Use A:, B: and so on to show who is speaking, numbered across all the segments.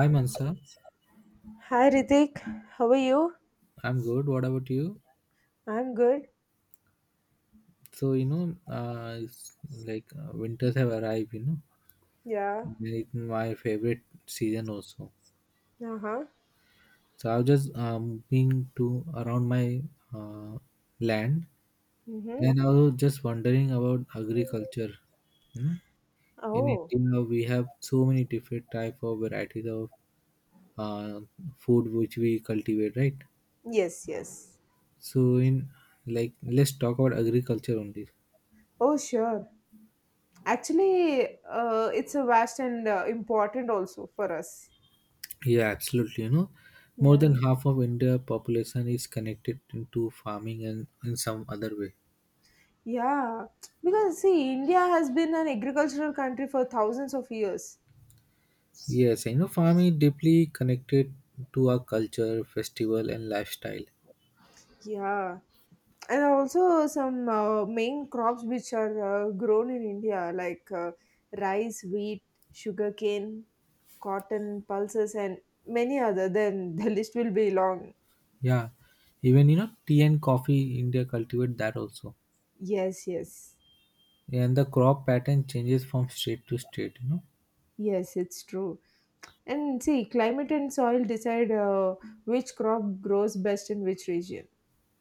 A: Hi am
B: Hi Ritik, how are you?
A: I'm good. What about you?
B: I'm good.
A: So you know, it's like winters have arrived. You know,
B: Yeah.
A: it's my favorite season also.
B: Uh huh.
A: So I was just being to around my uh, land,
B: Mm-hmm.
A: and I was just wondering about agriculture. You know, in
B: Oh,
A: India we have so many different type of varieties of uh, food which we cultivate, right?
B: yes, yes.
A: So in like let's talk about agriculture only.
B: Oh, sure. Actually, it's a vast and important also for us.
A: Yeah, absolutely. You know, more
B: Yeah.
A: than half of India population is connected into farming and in some other way.
B: Yeah. Because see, India has been an agricultural country for thousands of years.
A: Yes, I know farming is deeply connected to our culture, festival, and lifestyle.
B: Yeah, and also some main crops which are grown in India like rice, wheat, sugarcane, cotton, pulses, and many other. Then the list will be long.
A: Yeah, even you know tea and coffee India cultivate that also.
B: Yes, yes,
A: Yeah, and the crop pattern changes from state to state. You know,
B: yes, it's true. And see, climate and soil decide which crop grows best in which region.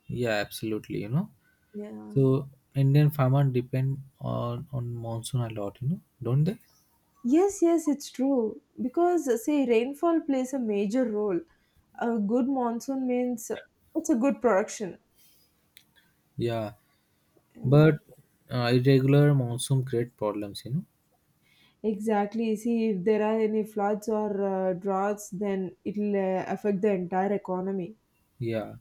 A: yeah, absolutely. You know,
B: Yeah.
A: so Indian farmers depend on monsoon a lot. You know, don't they?
B: Yes, yes, it's true. Because, say, rainfall plays a major role. A good monsoon means it's a good production.
A: Yeah, but
B: Mm.
A: irregular monsoon create problems. You know,
B: Exactly. See, if there are any floods or droughts, then it'll affect the entire economy.
A: yeah,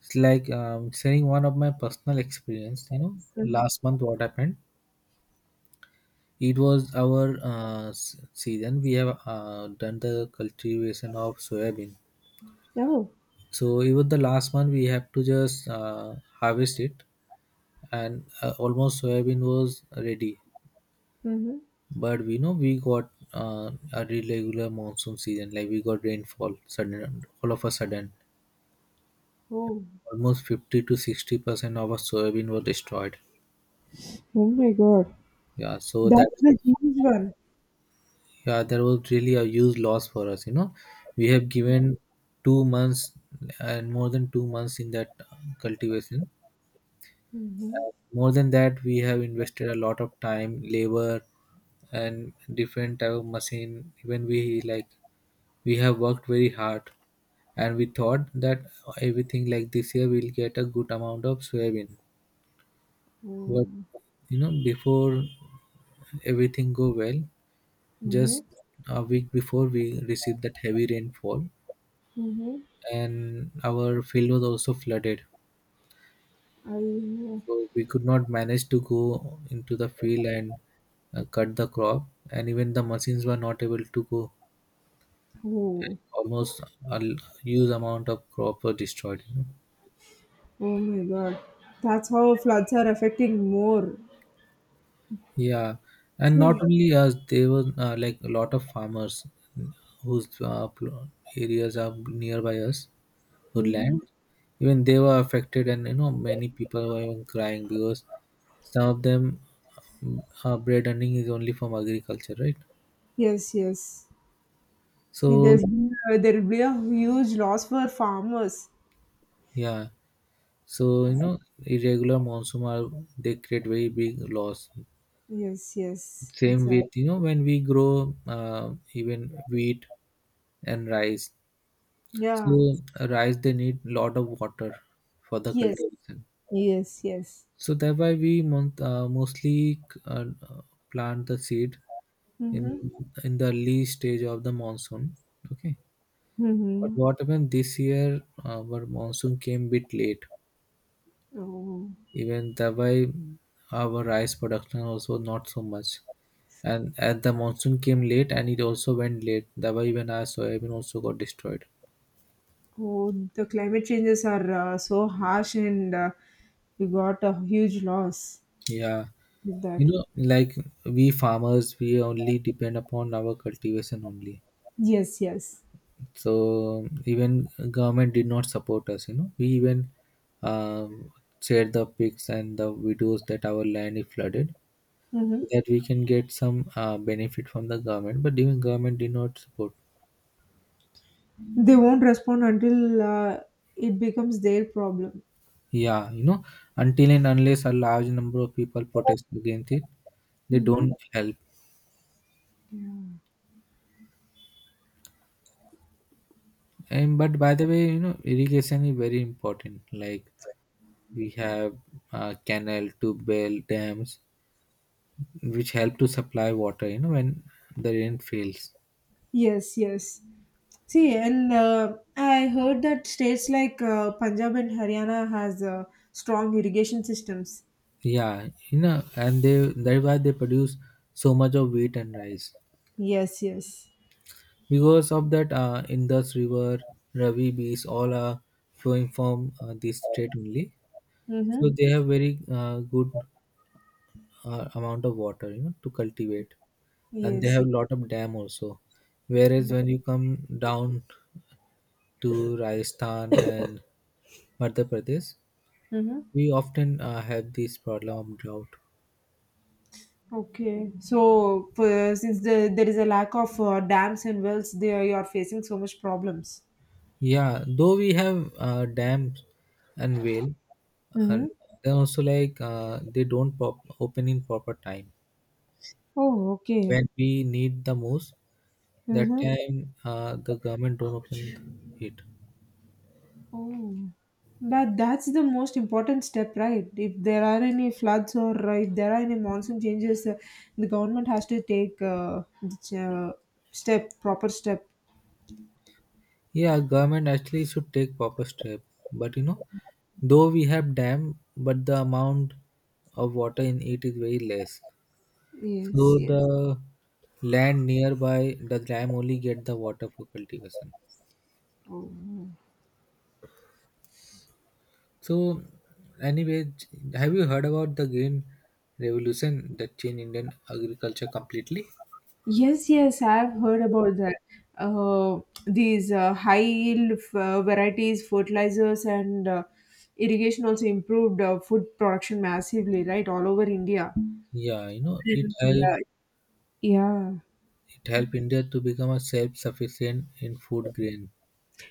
A: it's like saying one of my personal experience. You know,
B: Mhm.
A: last month what happened? It was our season. We have done the cultivation of soybean.
B: Oh,
A: So even the last month we have to just harvest it, and almost soybean was ready.
B: mm-hmm.
A: But we know we got a irregular monsoon season. Like we got rainfall sudden, all of a sudden,
B: oh,
A: almost 50 to 60% of our soybean was destroyed.
B: oh my God.
A: Yeah, so that
B: That's the huge one.
A: yeah, there was really a huge loss for us. You know, we have given 2 months and more than 2 months in that cultivation.
B: Mm-hmm.
A: More than that, we have invested a lot of time, labor, and different type of machine. Even we like we have worked very hard, and we thought that everything, like this year we'll get a good amount of soybean. But
B: Mm-hmm.
A: you know, before everything go well, just a week before we received that heavy rainfall,
B: Mm-hmm.
A: and our field was also flooded.
B: I,
A: So we could not manage to go into the field and cut the crop, and even the machines were not able to go.
B: oh,
A: Almost a l- huge amount of crop were destroyed. You know?
B: oh my God. That's how floods are affecting more.
A: Yeah, and not
B: See,
A: only us, there were like a lot of farmers whose areas are nearby us.
B: mm-hmm.
A: Hoodland, even they were affected, and you know, many people were even crying because some of them, bread earning is only from agriculture, right?
B: Yes, yes. See,
A: So
B: there will be a huge loss for farmers.
A: yeah, so you know, irregular monsoon are, they create very big loss.
B: Yes, yes,
A: Same with you
B: exactly.
A: know when we grow even wheat and rice. So
B: Yeah.
A: rice they need lot of water for the
B: Yes,
A: cultivation.
B: yes, yes.
A: So thereby we mostly uh, plant the seed in
B: Mm-hmm.
A: in the early stage of the monsoon. Okay, but
B: Mm-hmm.
A: what happened this year? Our monsoon came bit late.
B: Oh,
A: Even that why our rice production also not so much. And as the monsoon came late, and it also went late. That why even our soybean also got destroyed.
B: oh, the climate changes are so harsh, and we got a huge loss
A: Yeah,
B: with
A: you
B: that.
A: know, like we farmers, we only depend upon our cultivation only.
B: Yes, yes.
A: So even government did not support us. You know, we even um, shared the pics and the videos that our land is flooded,
B: Mm-hmm.
A: so that we can get some benefit from the government, but even government did not support.
B: They won't respond until it becomes their problem.
A: Yeah, you know, until and unless a large number of people protest against it, they
B: Mm-hmm.
A: don't help. And but by the way, you know, irrigation is very important. Like we have canal to bell dams which help to supply water, you know, when the rain fails.
B: Yes, yes. See, and I heard that states like Punjab and Haryana has strong irrigation systems.
A: Yeah, you know, and they, that's why they produce so much of wheat and rice,
B: Yes, yes.
A: because of that Indus River, Ravi bees, all are flowing from this state only.
B: Mm-hmm.
A: So they have very good amount of water, you know, to cultivate, and they
B: Yes,
A: have
B: yes.
A: lot of dam also. Whereas when you come down to Rajasthan and Madhya Pradesh,
B: Mm-hmm.
A: we often have this problem of drought.
B: Okay. So, there is a lack of dams and wells, there you are facing so much problems.
A: Yeah, though we have dams and whale, and
B: Mm-hmm.
A: then also like they don't pop open in proper time
B: Oh, okay.
A: when we need the most. That
B: Mm-hmm.
A: time the government don't open it.
B: Oh, but that's the most important step, right? If there are any floods or if there are any monsoon changes, the government has to take the step, proper step.
A: Yeah, government actually should take proper step. But you know, though we have dam, but the amount of water in it is very less.
B: Yes,
A: So
B: yes.
A: the land nearby the dam only get the water for cultivation.
B: Oh.
A: So, anyway, have you heard about the green revolution that changed Indian agriculture completely?
B: Yes, yes, I've heard about that. Uh, these high yield varieties, fertilizers, and irrigation also improved food production massively, right, all over India.
A: Yeah, you know, it
B: And,
A: helped,
B: uh, yeah.
A: it helped India to become a self-sufficient in food grain.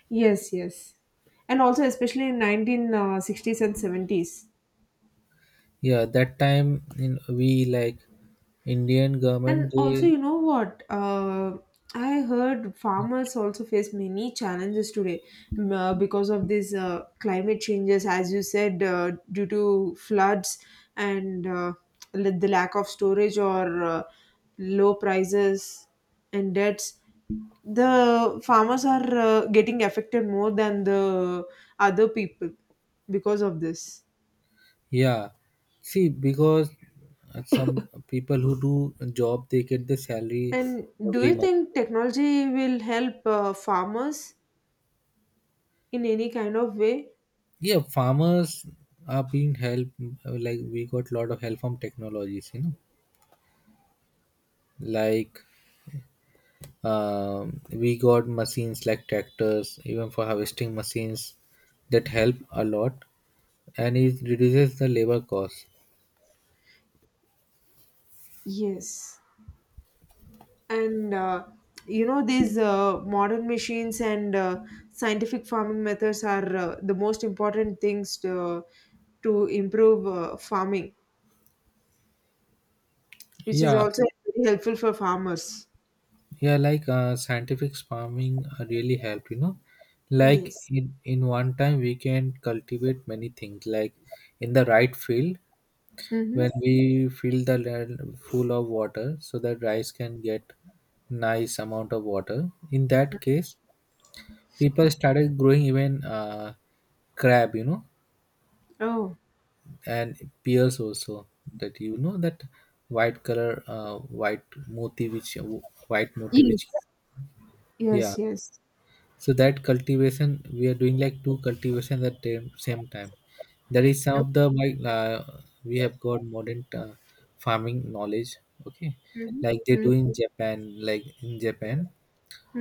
B: Yes, yes. And also, especially in 1960s and 70s.
A: Yeah, that time in we like Indian government
B: And also,
A: they
B: you know what? I heard farmers also face many challenges today because of these climate changes, as you said, due to floods and the lack of storage or low prices and debts. The farmers are getting affected more than the other people because of this.
A: yeah. See, because some people who do a job they get the salary
B: And do
A: every
B: you
A: month.
B: think technology will help farmers in any kind of way?
A: Yeah, farmers are being helped, like we got a lot of help from technologies, you know. Like we got machines like tractors, even for harvesting machines that help a lot, and it reduces the labor cost.
B: Yes. And you know, these modern machines and scientific farming methods are the most important things to improve farming, which is
A: Yeah,
B: also very helpful for farmers.
A: yeah, like scientific farming really helped, you know, like
B: Yes.
A: in one time we can cultivate many things, like in the right field,
B: Mm-hmm.
A: when we fill the land full of water so that rice can get nice amount of water. In that case, people started growing even crab, you know,
B: Oh,
A: and pears also. That, you know, that white color, white moti which, white moti
B: yes,
A: which yeah,
B: yes, yes.
A: so that cultivation we are doing, like two cultivations at the same time. That is some of the like we have got modern farming knowledge, okay, like they
B: Mm-hmm.
A: do in Japan. Like in Japan,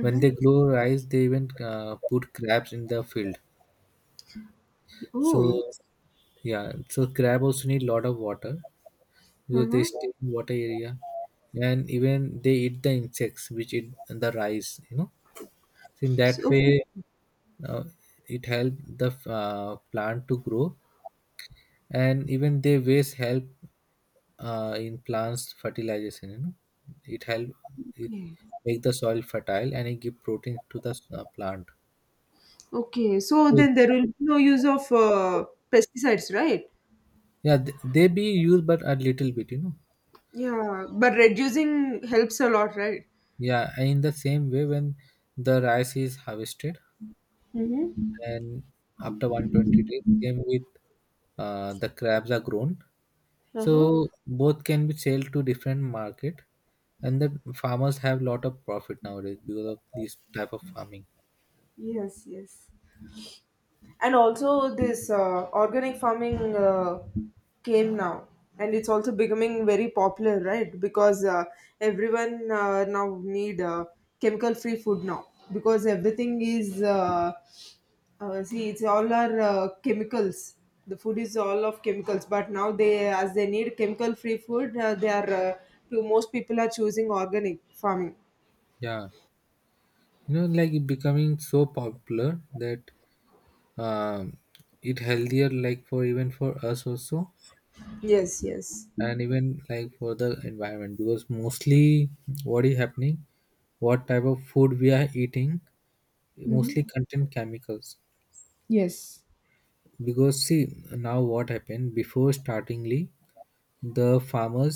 A: when they grow rice, they even put crabs in the field. So
B: Oh,
A: yeah, so crab also need a lot of water because they
B: uh-huh.
A: stay in water area, and even they eat the insects which eat the rice. You know, so in that
B: So,
A: way,
B: okay,
A: uh, it help the plant to grow, and even their waste help in plants fertilization. You know, it help it
B: okay.
A: make the soil fertile, and it give protein to the plant.
B: Okay, so
A: So,
B: then there will be no use of pesticides, right?
A: yeah, they be used but a little bit. You know,
B: Yeah, but reducing helps a lot, right?
A: yeah, and in the same way, when the rice is harvested
B: Mm-hmm.
A: and after 120 days same with the crabs are grown, so
B: Uh-huh.
A: both can be sold to different market, and the farmers have lot of profit nowadays because of this type of farming.
B: Yes, yes. And also this organic farming came now, and it's also becoming very popular, right? Because everyone now need chemical free food now, because everything is see, it's all our chemicals, the food is all of chemicals. But now, they, as they need chemical free food, they are to most people are choosing organic farming.
A: Yeah, you know, like it becoming so popular that um, it healthier, like for even for us also,
B: Yes, yes.
A: and even like for the environment, because mostly what is happening, what type of food we are eating
B: Mm-hmm.
A: mostly contain chemicals.
B: Yes.
A: Because see, now what happened, before startingly the farmers,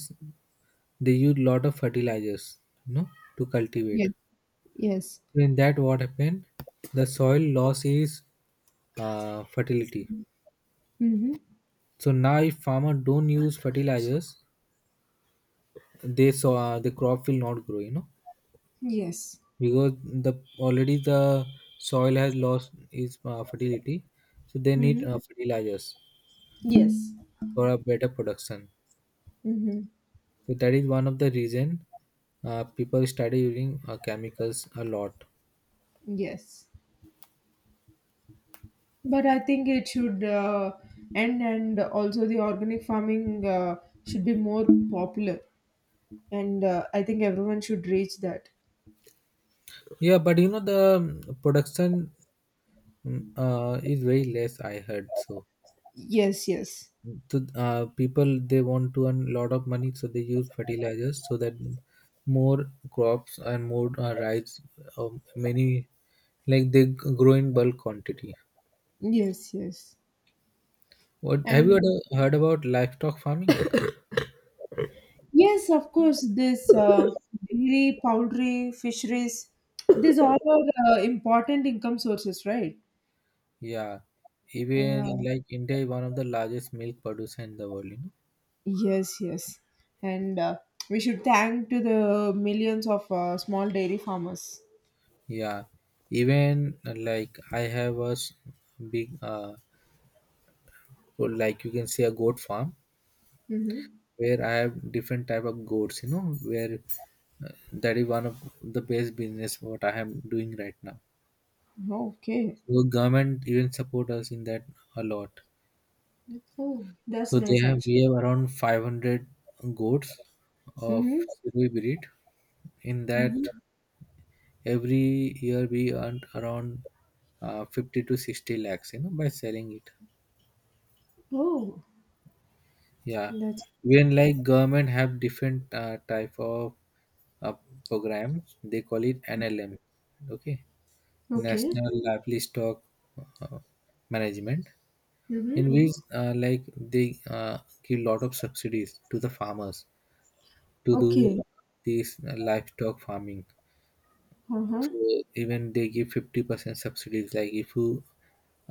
A: they used lot of fertilizers, you know, to cultivate.
B: Yes. Yes.
A: So, in that what happened, the soil loss is fertility.
B: Mm-hmm.
A: So now if farmer don't use fertilizers, they so the crop will not grow, you know,
B: Yes.
A: because the already the soil has lost its fertility. So they need
B: Hmm.
A: fertilizers
B: Yes.
A: for a better production.
B: Hmm.
A: So that is one of the reason people study using chemicals a lot.
B: Yes. But I think it should end, and also the organic farming should be more popular. And I think everyone should reach that.
A: Yeah, but you know the production, is very less. I heard so.
B: Yes, yes.
A: So people they want to earn a lot of money, so they use fertilizers so that more crops and more rice, uh, many like they grow in bulk quantity.
B: Yes, yes.
A: What have you
B: And
A: heard about livestock farming?
B: yes, of course, this dairy, poultry, fisheries, these all are important income sources, right?
A: Yeah, even
B: Uh,
A: like India is one of the largest milk producer in the world. You know?
B: Yes, yes. And we should thank to the millions of small dairy farmers.
A: Yeah, even like I have a big, or like you can say a goat farm
B: Mm-hmm.
A: where I have different type of goats. You know, where that is one of the best business what I am doing right now.
B: Okay.
A: So government even support us in that a lot.
B: Oh, that's
A: So they
B: nice
A: have
B: actually.
A: we have around 500 goats of
B: Mm-hmm.
A: Silvi breed. In
B: Mm-hmm.
A: that, every year we earn around 50 to 60 lakhs. You know, by selling it.
B: Oh,
A: Yeah,
B: that's
A: even like government have different type of uh, programs. They call it NLM, okay,
B: okay.
A: National Livestock uh, Management,
B: Mm-hmm.
A: in which like they give lot of subsidies to the farmers to do
B: Okay.
A: this livestock farming.
B: Uh-huh.
A: So even they give 50% subsidies. Like if you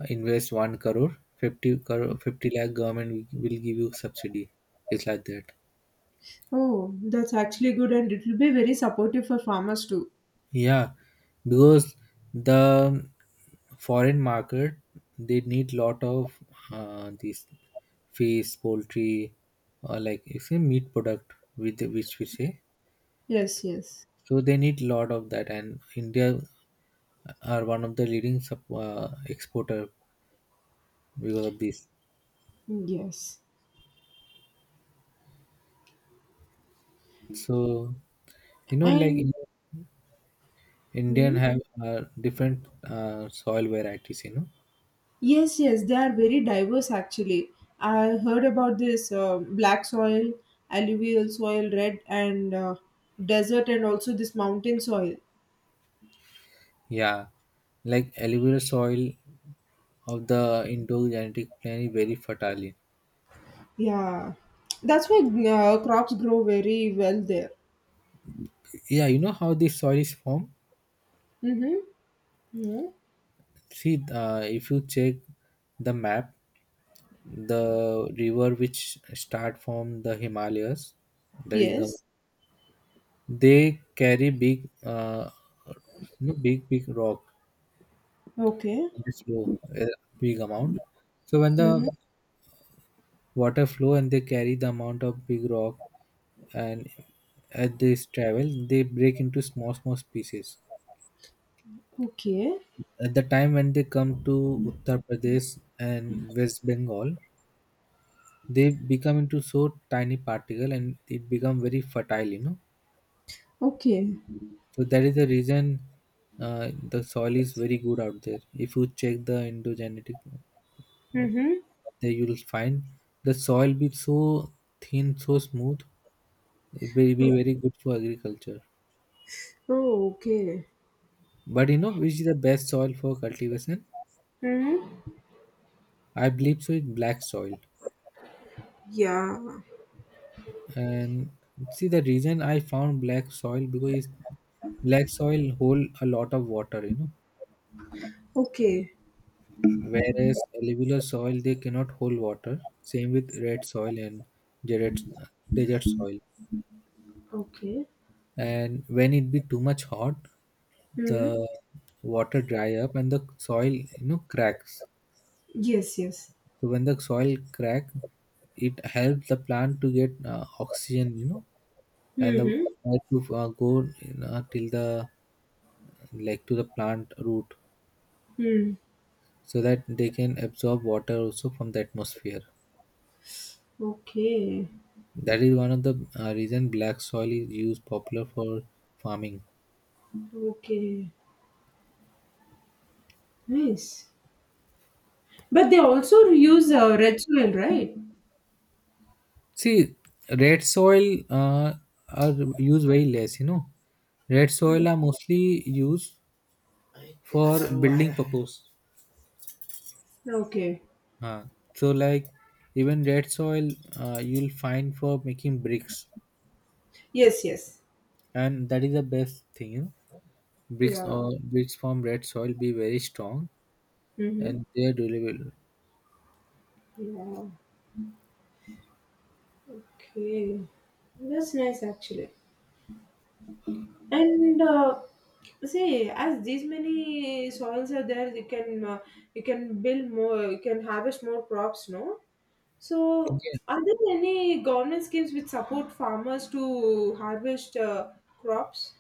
A: invest one crore, 50 crore, 50 lakh, government will give you subsidy. It's like that.
B: Oh, that's actually good, and it will be very supportive for farmers too.
A: Yeah, because the foreign market they need lot of these fish, poultry, or like it's a meat product with which we say.
B: Yes, yes.
A: So they need lot of that, and India are one of the leading exporter because of this.
B: Yes.
A: So you know, like
B: And
A: in- Indian
B: hmm,
A: have different soil varieties. You know,
B: yes, yes, they are very diverse actually. I heard about this black soil, alluvial soil, red and desert, and also this mountain soil.
A: yeah, like alluvial soil of the endogenetic plant is very fertile.
B: Yeah, that's why crops grow very well there.
A: Yeah, you know how this soil is formed?
B: Mm-hmm. Yeah.
A: See, if you check the map, the river which start from the Himalayas, that is Ganga,
B: Yes.
A: they carry big rock,
B: Okay.
A: this low, uh, big amount. So when
B: Mm-hmm.
A: the water flow and they carry the amount of big rock and as they travel, they break into small, small pieces.
B: Okay.
A: At the time when they come to Uttar Pradesh and West Bengal, they become into so tiny particle and it become very fertile, you know.
B: Okay.
A: So that is the reason the soil is very good out there. If you check the endogenetic, uh,
B: Mm-hmm.
A: there you will find the soil be so thin, so smooth. It will be very good for agriculture.
B: Oh, okay.
A: But you know which is the best soil for cultivation?
B: Mm-hmm.
A: I believe so. It's black soil.
B: Yeah.
A: And see the reason I found black soil because black soil hold a lot of water, you know,
B: Okay.
A: whereas alluvial soil they cannot hold water, same with red soil and desert, desert soil,
B: Okay.
A: and when it be too much hot, the
B: Mm-hmm.
A: water dry up and the soil, you know, cracks.
B: Yes, yes.
A: So when the soil crack, it helps the plant to get oxygen, you know, and the
B: Mm-hmm.
A: air to go till the, like, to the plant root
B: Mm.
A: so that they can absorb water also from the atmosphere.
B: Okay,
A: That is one of the reason black soil is used popular for farming.
B: okay, nice. But they also use red soil, right?
A: See, red soil are used very less. You know, red
B: Mm.
A: soil are mostly used for building purpose.
B: Okay.
A: Uh, so like even red soil you'll find for making bricks,
B: Yes, yes.
A: and that is the best thing, you know? Bricks
B: Yeah.
A: or bricks from red soil be very strong
B: Mm-hmm.
A: and they're durable.
B: Yeah. Okay. That's nice actually. And see, as these many soils are there, you can build more, you can harvest more crops, no? So,
A: Yeah,
B: are there any government schemes which support farmers to harvest crops?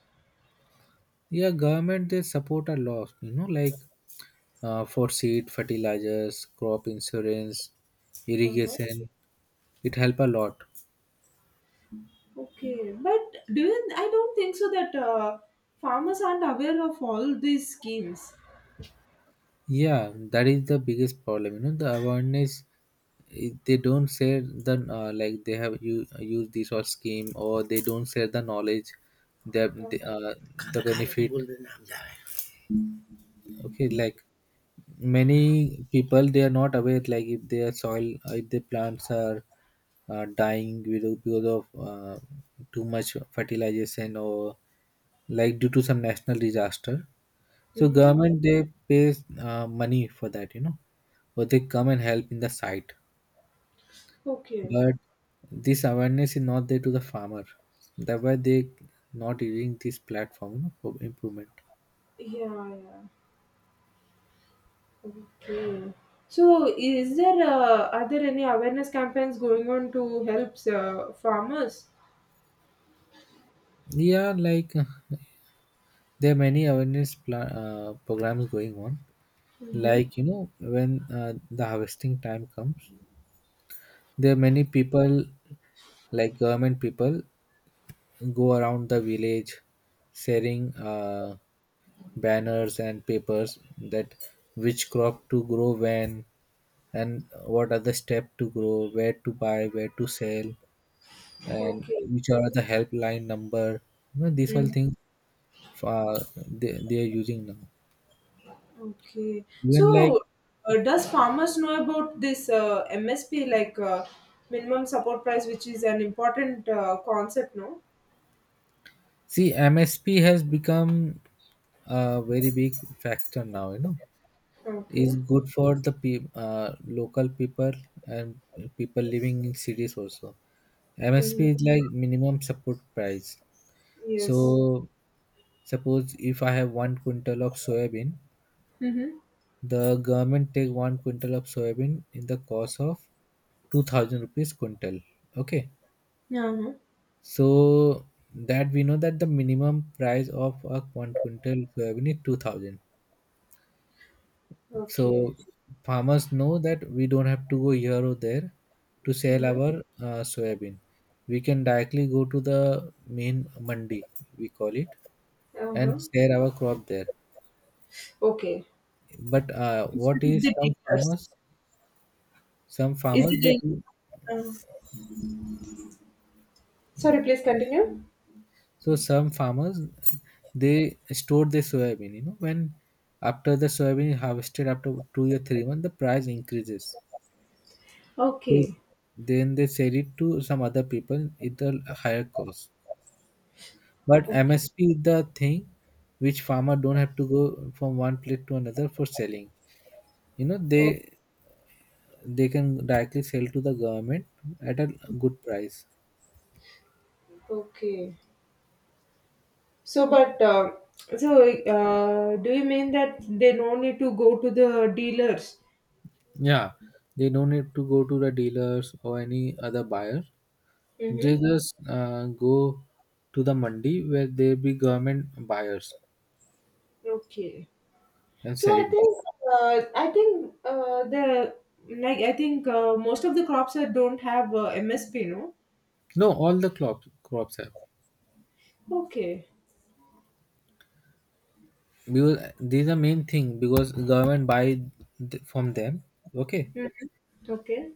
A: yeah government they support a lot you know, like for seed, fertilizers, crop insurance,
B: Uh-huh.
A: irrigation, it help a lot.
B: Okay, but I don't think so that farmers aren't aware of all these schemes.
A: Yeah, that is the biggest problem. You know, the awareness, they don't share the like they have used this or scheme, or they don't share the knowledge, the the, uh, the benefit. Okay, like many people they are not aware, like if their soil, if their plants are dying because of too much fertilization or like due to some national disaster, so
B: Mm-hmm.
A: government they pays money for that, you know, or they come and help in the site.
B: Okay.
A: But this awareness is not there to the farmer. That's why they not using this platform, you know, for improvement.
B: Yeah, yeah. Okay. So, is there are there any awareness campaigns going on to help farmers?
A: Yeah, like there are many awareness programs going on.
B: Mm-hmm.
A: Like, you know, when the harvesting time comes, there are many people, like government people, go around the village, sharing banners and papers that which crop to grow when, and what are the steps to grow, where to buy, where to sell, and
B: Okay.
A: which are the helpline number. You know, these all
B: Mm.
A: things, uh, they are using now.
B: Okay.
A: Even like,
B: So, does farmers know about this MSP like minimum support price, which is an important concept, no?
A: see, MSP has become a very big factor now, you know. Is
B: Okay.
A: good for the local people and people living in cities also. MSP is like minimum support price.
B: Yes.
A: So suppose if I have one quintal of soybean,
B: Mm-hmm.
A: the government take one quintal of soybean in the cost of 2,000 rupees quintal. Okay,
B: Uh-huh.
A: so that we know that the minimum price of a one quintal soybean is 2,000.
B: Okay.
A: So farmers know that we don't have to go here or there to sell
B: Mm-hmm.
A: our soybean. We can directly go to the main mandi, we call it, and
B: Uh-huh.
A: sell our crop there.
B: Okay.
A: But
B: Instead
A: what
B: of
A: is
B: the
A: some
B: dealers.
A: farmers? Some
B: Is
A: farmers they
B: it
A: do
B: a, uh, Sorry, please continue.
A: So some farmers they store their soybean. You know, when after the soybean is harvested after 2 or 3 months, the price increases. They,
B: Okay.
A: then they sell it to some other people at a higher cost. But
B: Okay.
A: MSP is the thing which farmer don't have to go from one place to another for selling. You know,
B: O-
A: they can directly sell to the government at a good price.
B: Okay. So, but so do you mean that they no need to go to the dealers?
A: Yeah, they don't need to go to the dealers or any other buyer. They
B: Mm-hmm.
A: just go to the mandi where there be government buyers
B: Okay.
A: and
B: So
A: sell it.
B: I think most of the crops that don't have MSP, no?
A: No, all the crops have,
B: Okay.
A: because these are main thing because government buy from them. Okay,
B: Okay.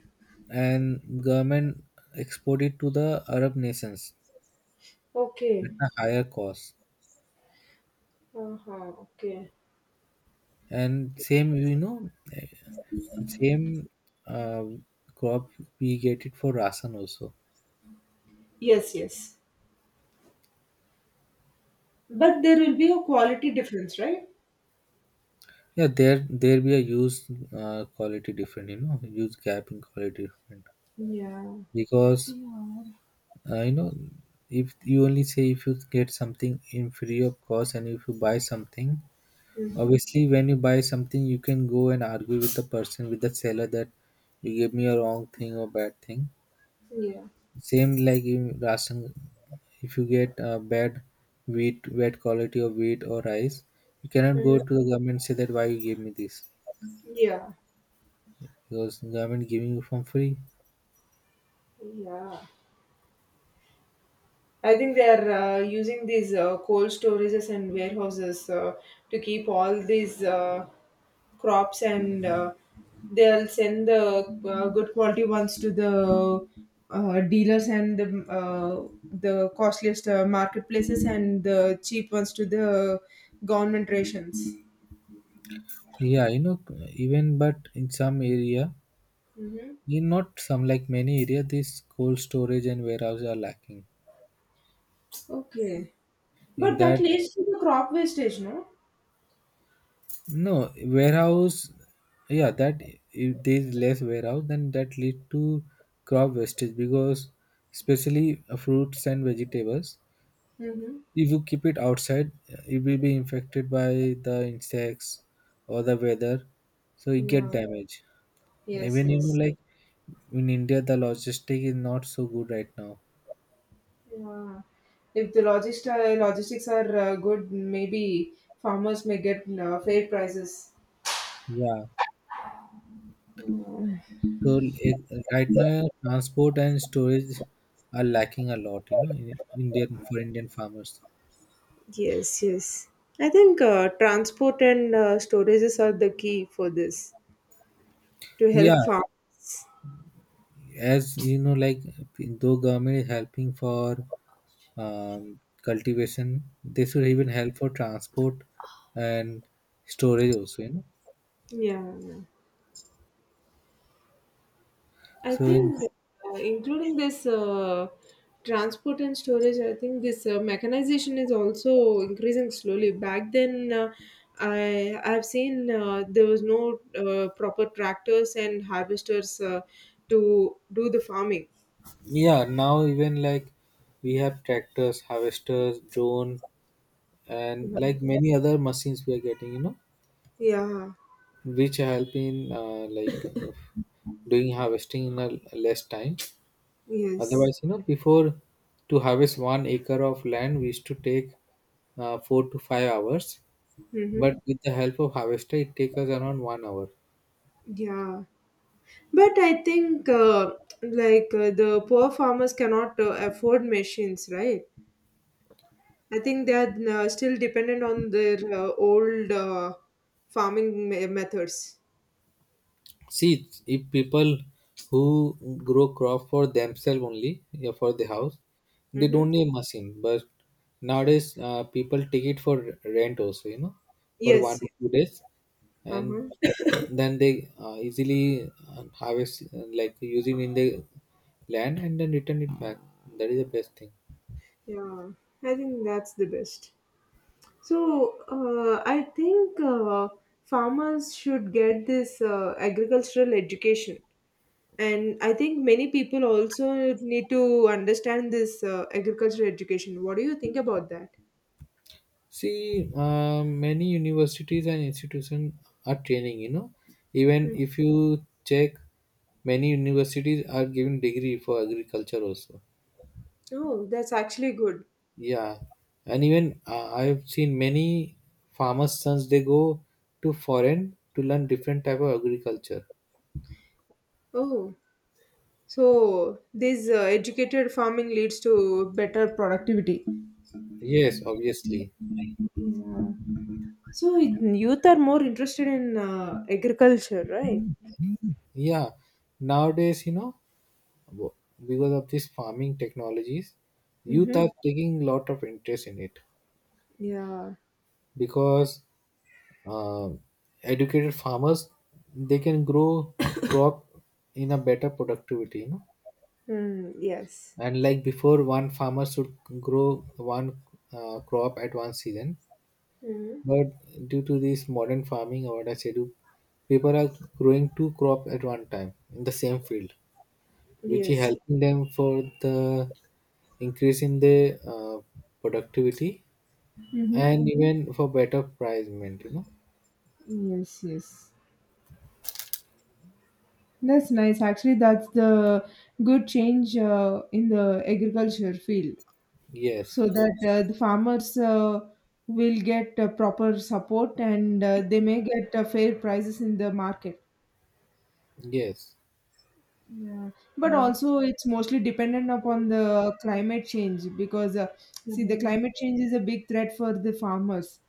A: and government export it to the Arab nations at
B: Okay.
A: a higher cost.
B: Uh-huh. Okay.
A: And same, you know, same uh, crop we get it for rasan also.
B: Yes, yes. But there will be a quality difference, right?
A: Yeah, there be a use quality different. You know, use gap in quality different.
B: Yeah.
A: Because you know, if you only say, if you get something in free of cost, and if you buy something,
B: Mm-hmm.
A: obviously when you buy something you can go and argue with the person, with the seller, that you gave me a wrong thing or bad thing.
B: Yeah.
A: Same like in ration, if you get bad wheat, bad quality of wheat or rice, you cannot go
B: Mm-hmm.
A: to the government and say that why you gave me this,
B: Yeah.
A: because government giving you from free.
B: Yeah. I think they are using these cold storages and warehouses to keep all these crops, and they'll send the good quality ones to the dealers and the costliest marketplaces, and the cheap ones to the government rations.
A: Yeah, you know, even, but in some area,
B: Mm-hmm.
A: in not some like many area, this cold storage and warehouse are lacking.
B: Okay,
A: In
B: but that
A: that,
B: leads to the crop wastage, no?
A: no warehouse, yeah, that if there is less warehouse, then that lead to crop wastage, because especially fruits and vegetables.
B: Mm-hmm.
A: If you keep it outside, it will be infected by the insects or the weather, so it get
B: Yeah.
A: damaged.
B: Yes.
A: Even, you know,
B: Yes.
A: like in India, the logistic is not so good right now.
B: Yeah. If the logistics are good, maybe farmers may get fair prices.
A: Yeah, so it, right now, transport and storage are lacking a lot. You know, in Indian for Indian farmers.
B: Yes, yes. I think transport and storages are the key for this to
A: Yeah,
B: help farm.
A: as you know, like though government is helping for cultivation, they should even help for transport and storage also. You know,
B: Yeah. I
A: so in,
B: think including this transport and storage, I think this mechanization is also increasing slowly. Back then, I've seen there was no proper tractors and harvesters to do the farming.
A: yeah, now even like we have tractors, harvesters, drone, and
B: Yeah.
A: like many other machines we are getting. You know,
B: Yeah.
A: which help in like doing harvesting in a less time.
B: Yes.
A: Otherwise, you know, before, to harvest 1 acre of land, we used to take 4 to 5 hours.
B: Mm-hmm.
A: But with the help of harvester, it takes us around 1 hour.
B: Yeah. But I think like the poor farmers cannot afford machines, right? I think they are still dependent on their old farming methods.
A: See, if people who grow crop for themselves only, yeah, for the house, they don't
B: Mm-hmm.
A: need machine. But nowadays, people take it for rent also, you know, for one
B: Yes,
A: or
B: yes.
A: two days, and
B: Uh-huh.
A: then they easily harvest like using in the land and then return it back. That is the best thing.
B: Yeah, I think that's the best. So, I think farmers should get this agricultural education. And I think many people also need to understand this agricultural education. What do you think about that?
A: See, many universities and institutions are training, you know. Even
B: Mm.
A: if you check, many universities are giving degree for agriculture also.
B: Oh, that's actually good.
A: Yeah. And even I have seen many farmers' sons, they go to foreign to learn different type of agriculture.
B: Oh, so this educated farming leads to better productivity.
A: Yes, obviously.
B: So youth are more interested in agriculture, right?
A: Yeah. Nowadays, you know, w- because of these farming technologies, youth are
B: Mm-hmm.
A: taking lot of interest in it.
B: Yeah.
A: Because uh, educated farmers they can grow crop in a better productivity, you know,
B: Mm, yes.
A: and like before one farmer should grow one crop at one season,
B: Mm-hmm.
A: but due to this modern farming or what I say do, people are growing two crop at one time in the same field, which is
B: Yes.
A: helping them for the increase in the productivity
B: Mm-hmm.
A: and even for better price, you know.
B: Yes, yes. That's nice. Actually, that's the good change in the agriculture field,
A: Yes,
B: so that the farmers will get proper support, and they may get fair prices in the market.
A: yes.
B: Yeah, but
A: Yeah,
B: also it's mostly dependent upon the climate change, because see, the climate change is a big threat for the farmers.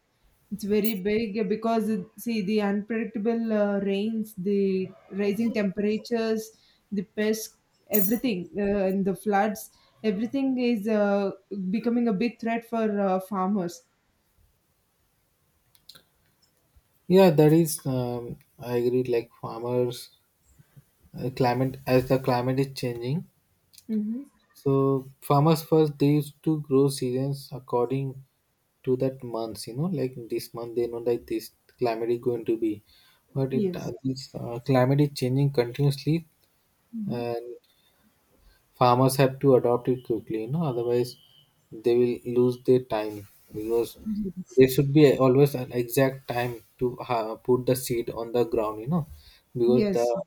B: It's very big because see, the unpredictable rains, the rising temperatures, the pests, everything, and the floods, everything is becoming a big threat for farmers.
A: that is, I agree. Like farmers, climate, as the climate is changing,
B: Mm-hmm.
A: so farmers first they used to grow seasons according to that months. You know, like this month they know that this climate is going to be, but it
B: Yes.
A: this climate is changing continuously,
B: Mm-hmm.
A: and farmers have to adopt it quickly, you know, otherwise they will lose their time, because
B: Yes.
A: there should be always an exact time to put the seed on the ground, you know, because
B: Yes.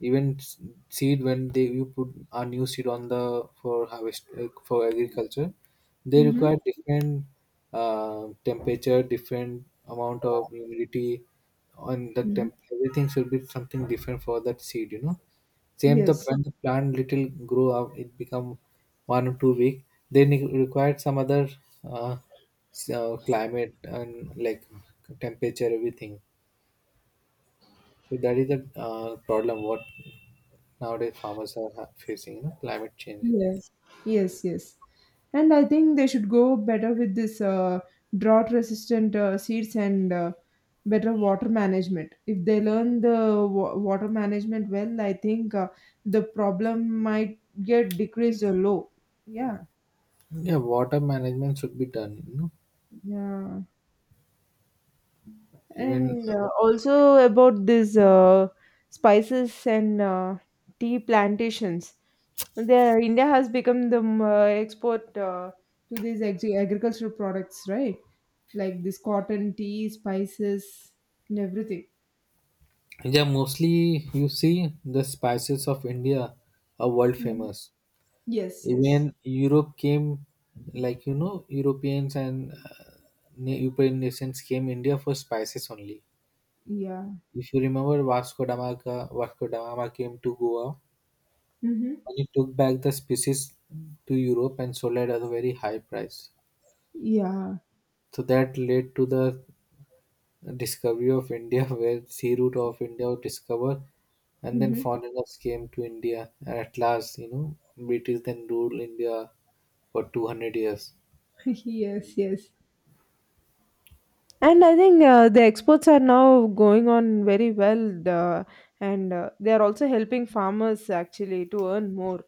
A: even s- seed, when they, you put a new seed on the for harvest, for agriculture, they require
B: Mm-hmm.
A: different temperature, different amount of humidity, on the
B: Mm-hmm.
A: temp, everything should be something different for that seed, you know. Same the
B: Yes.
A: when the plant little grow up, it become 1 or 2 week. Then it required some other uh, climate and like temperature everything. So that is the problem what nowadays farmers are facing. You know, climate change.
B: Yes, yes, yes. And I think they should go better with this drought resistant seeds and better water management. If they learn the water management well, I think the problem might get decreased or low. Yeah,
A: Yeah, water management should be done. You know,
B: yeah.
A: even,
B: And also about this spices and tea plantations. The India has become the export to these agricultural products, right? Like this cotton, tea, spices, and everything.
A: yeah, mostly you see the spices of India are world
B: Mhm.
A: famous.
B: Yes, yes.
A: Even Europe came, like, you know, Europeans and European nations came India for spices only.
B: Yeah.
A: If you remember, Vasco da Gama came to Goa
B: Mm-hmm.
A: and he took back the spices to Europe and sold it at a very high price.
B: Yeah.
A: So that led to the discovery of India, where sea route of India was discovered, and then
B: Mm-hmm.
A: foreigners came to India. And at last, you know, British then ruled India for 200 years.
B: yes, yes. And I think the exports are now going on very well, and they are also helping farmers actually to earn more.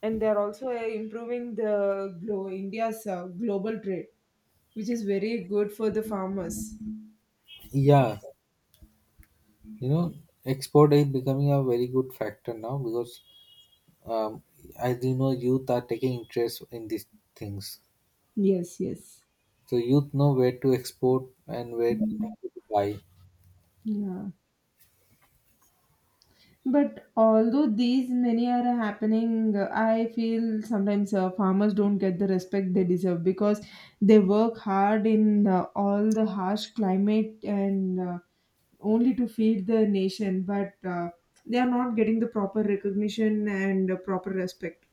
B: And they are also improving the India's global trade, which is very good for the farmers.
A: Yeah, you know, export is becoming a very good factor now, because um, as you know, youth are taking interest in these things.
B: Yes, yes,
A: So youth know where to export and where to buy.
B: yeah. But although these many are happening, I feel sometimes farmers don't get the respect they deserve, because they work hard in all the harsh climate and only to feed the nation, but they are not getting the proper recognition and proper respect.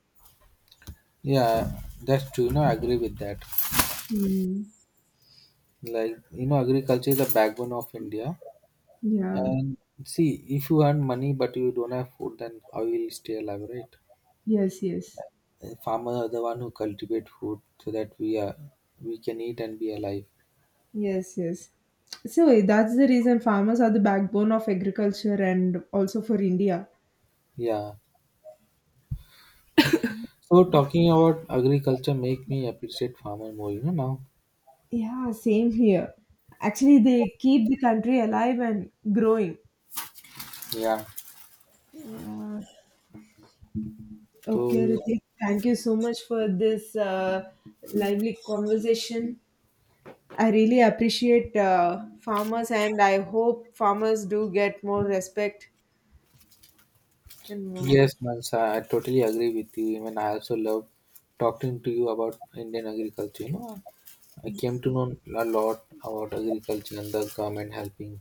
A: Yeah, that's true. You know, I agree with that.
B: Mm,
A: Like, you know, agriculture is the backbone of India.
B: yeah.
A: And see, if you earn money but you don't have food, then how you will stay alive, right?
B: Yes, yes.
A: And farmers are the one who cultivate food so that we can eat and be alive.
B: Yes, yes. So that's the reason farmers are the backbone of agriculture and also for India.
A: Yeah. So talking about agriculture make me appreciate farmer more, you know, now.
B: Yeah, same here. Actually, they keep the country alive and growing.
A: Yeah.
B: Yeah. Okay,
A: So
B: Ritik, thank you so much for this lively conversation. I really appreciate farmers, and I hope farmers do get more respect and more.
A: yes, Mansa, I totally agree with you. Even I also love talking to you about Indian agriculture. You know, I came to know a lot about agriculture and the government helping.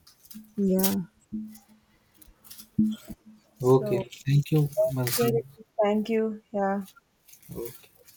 B: Yeah. So,
A: Okay. Thank you,
B: okay,
A: Mansi.
B: Ritik, thank you. Yeah.
A: Okay.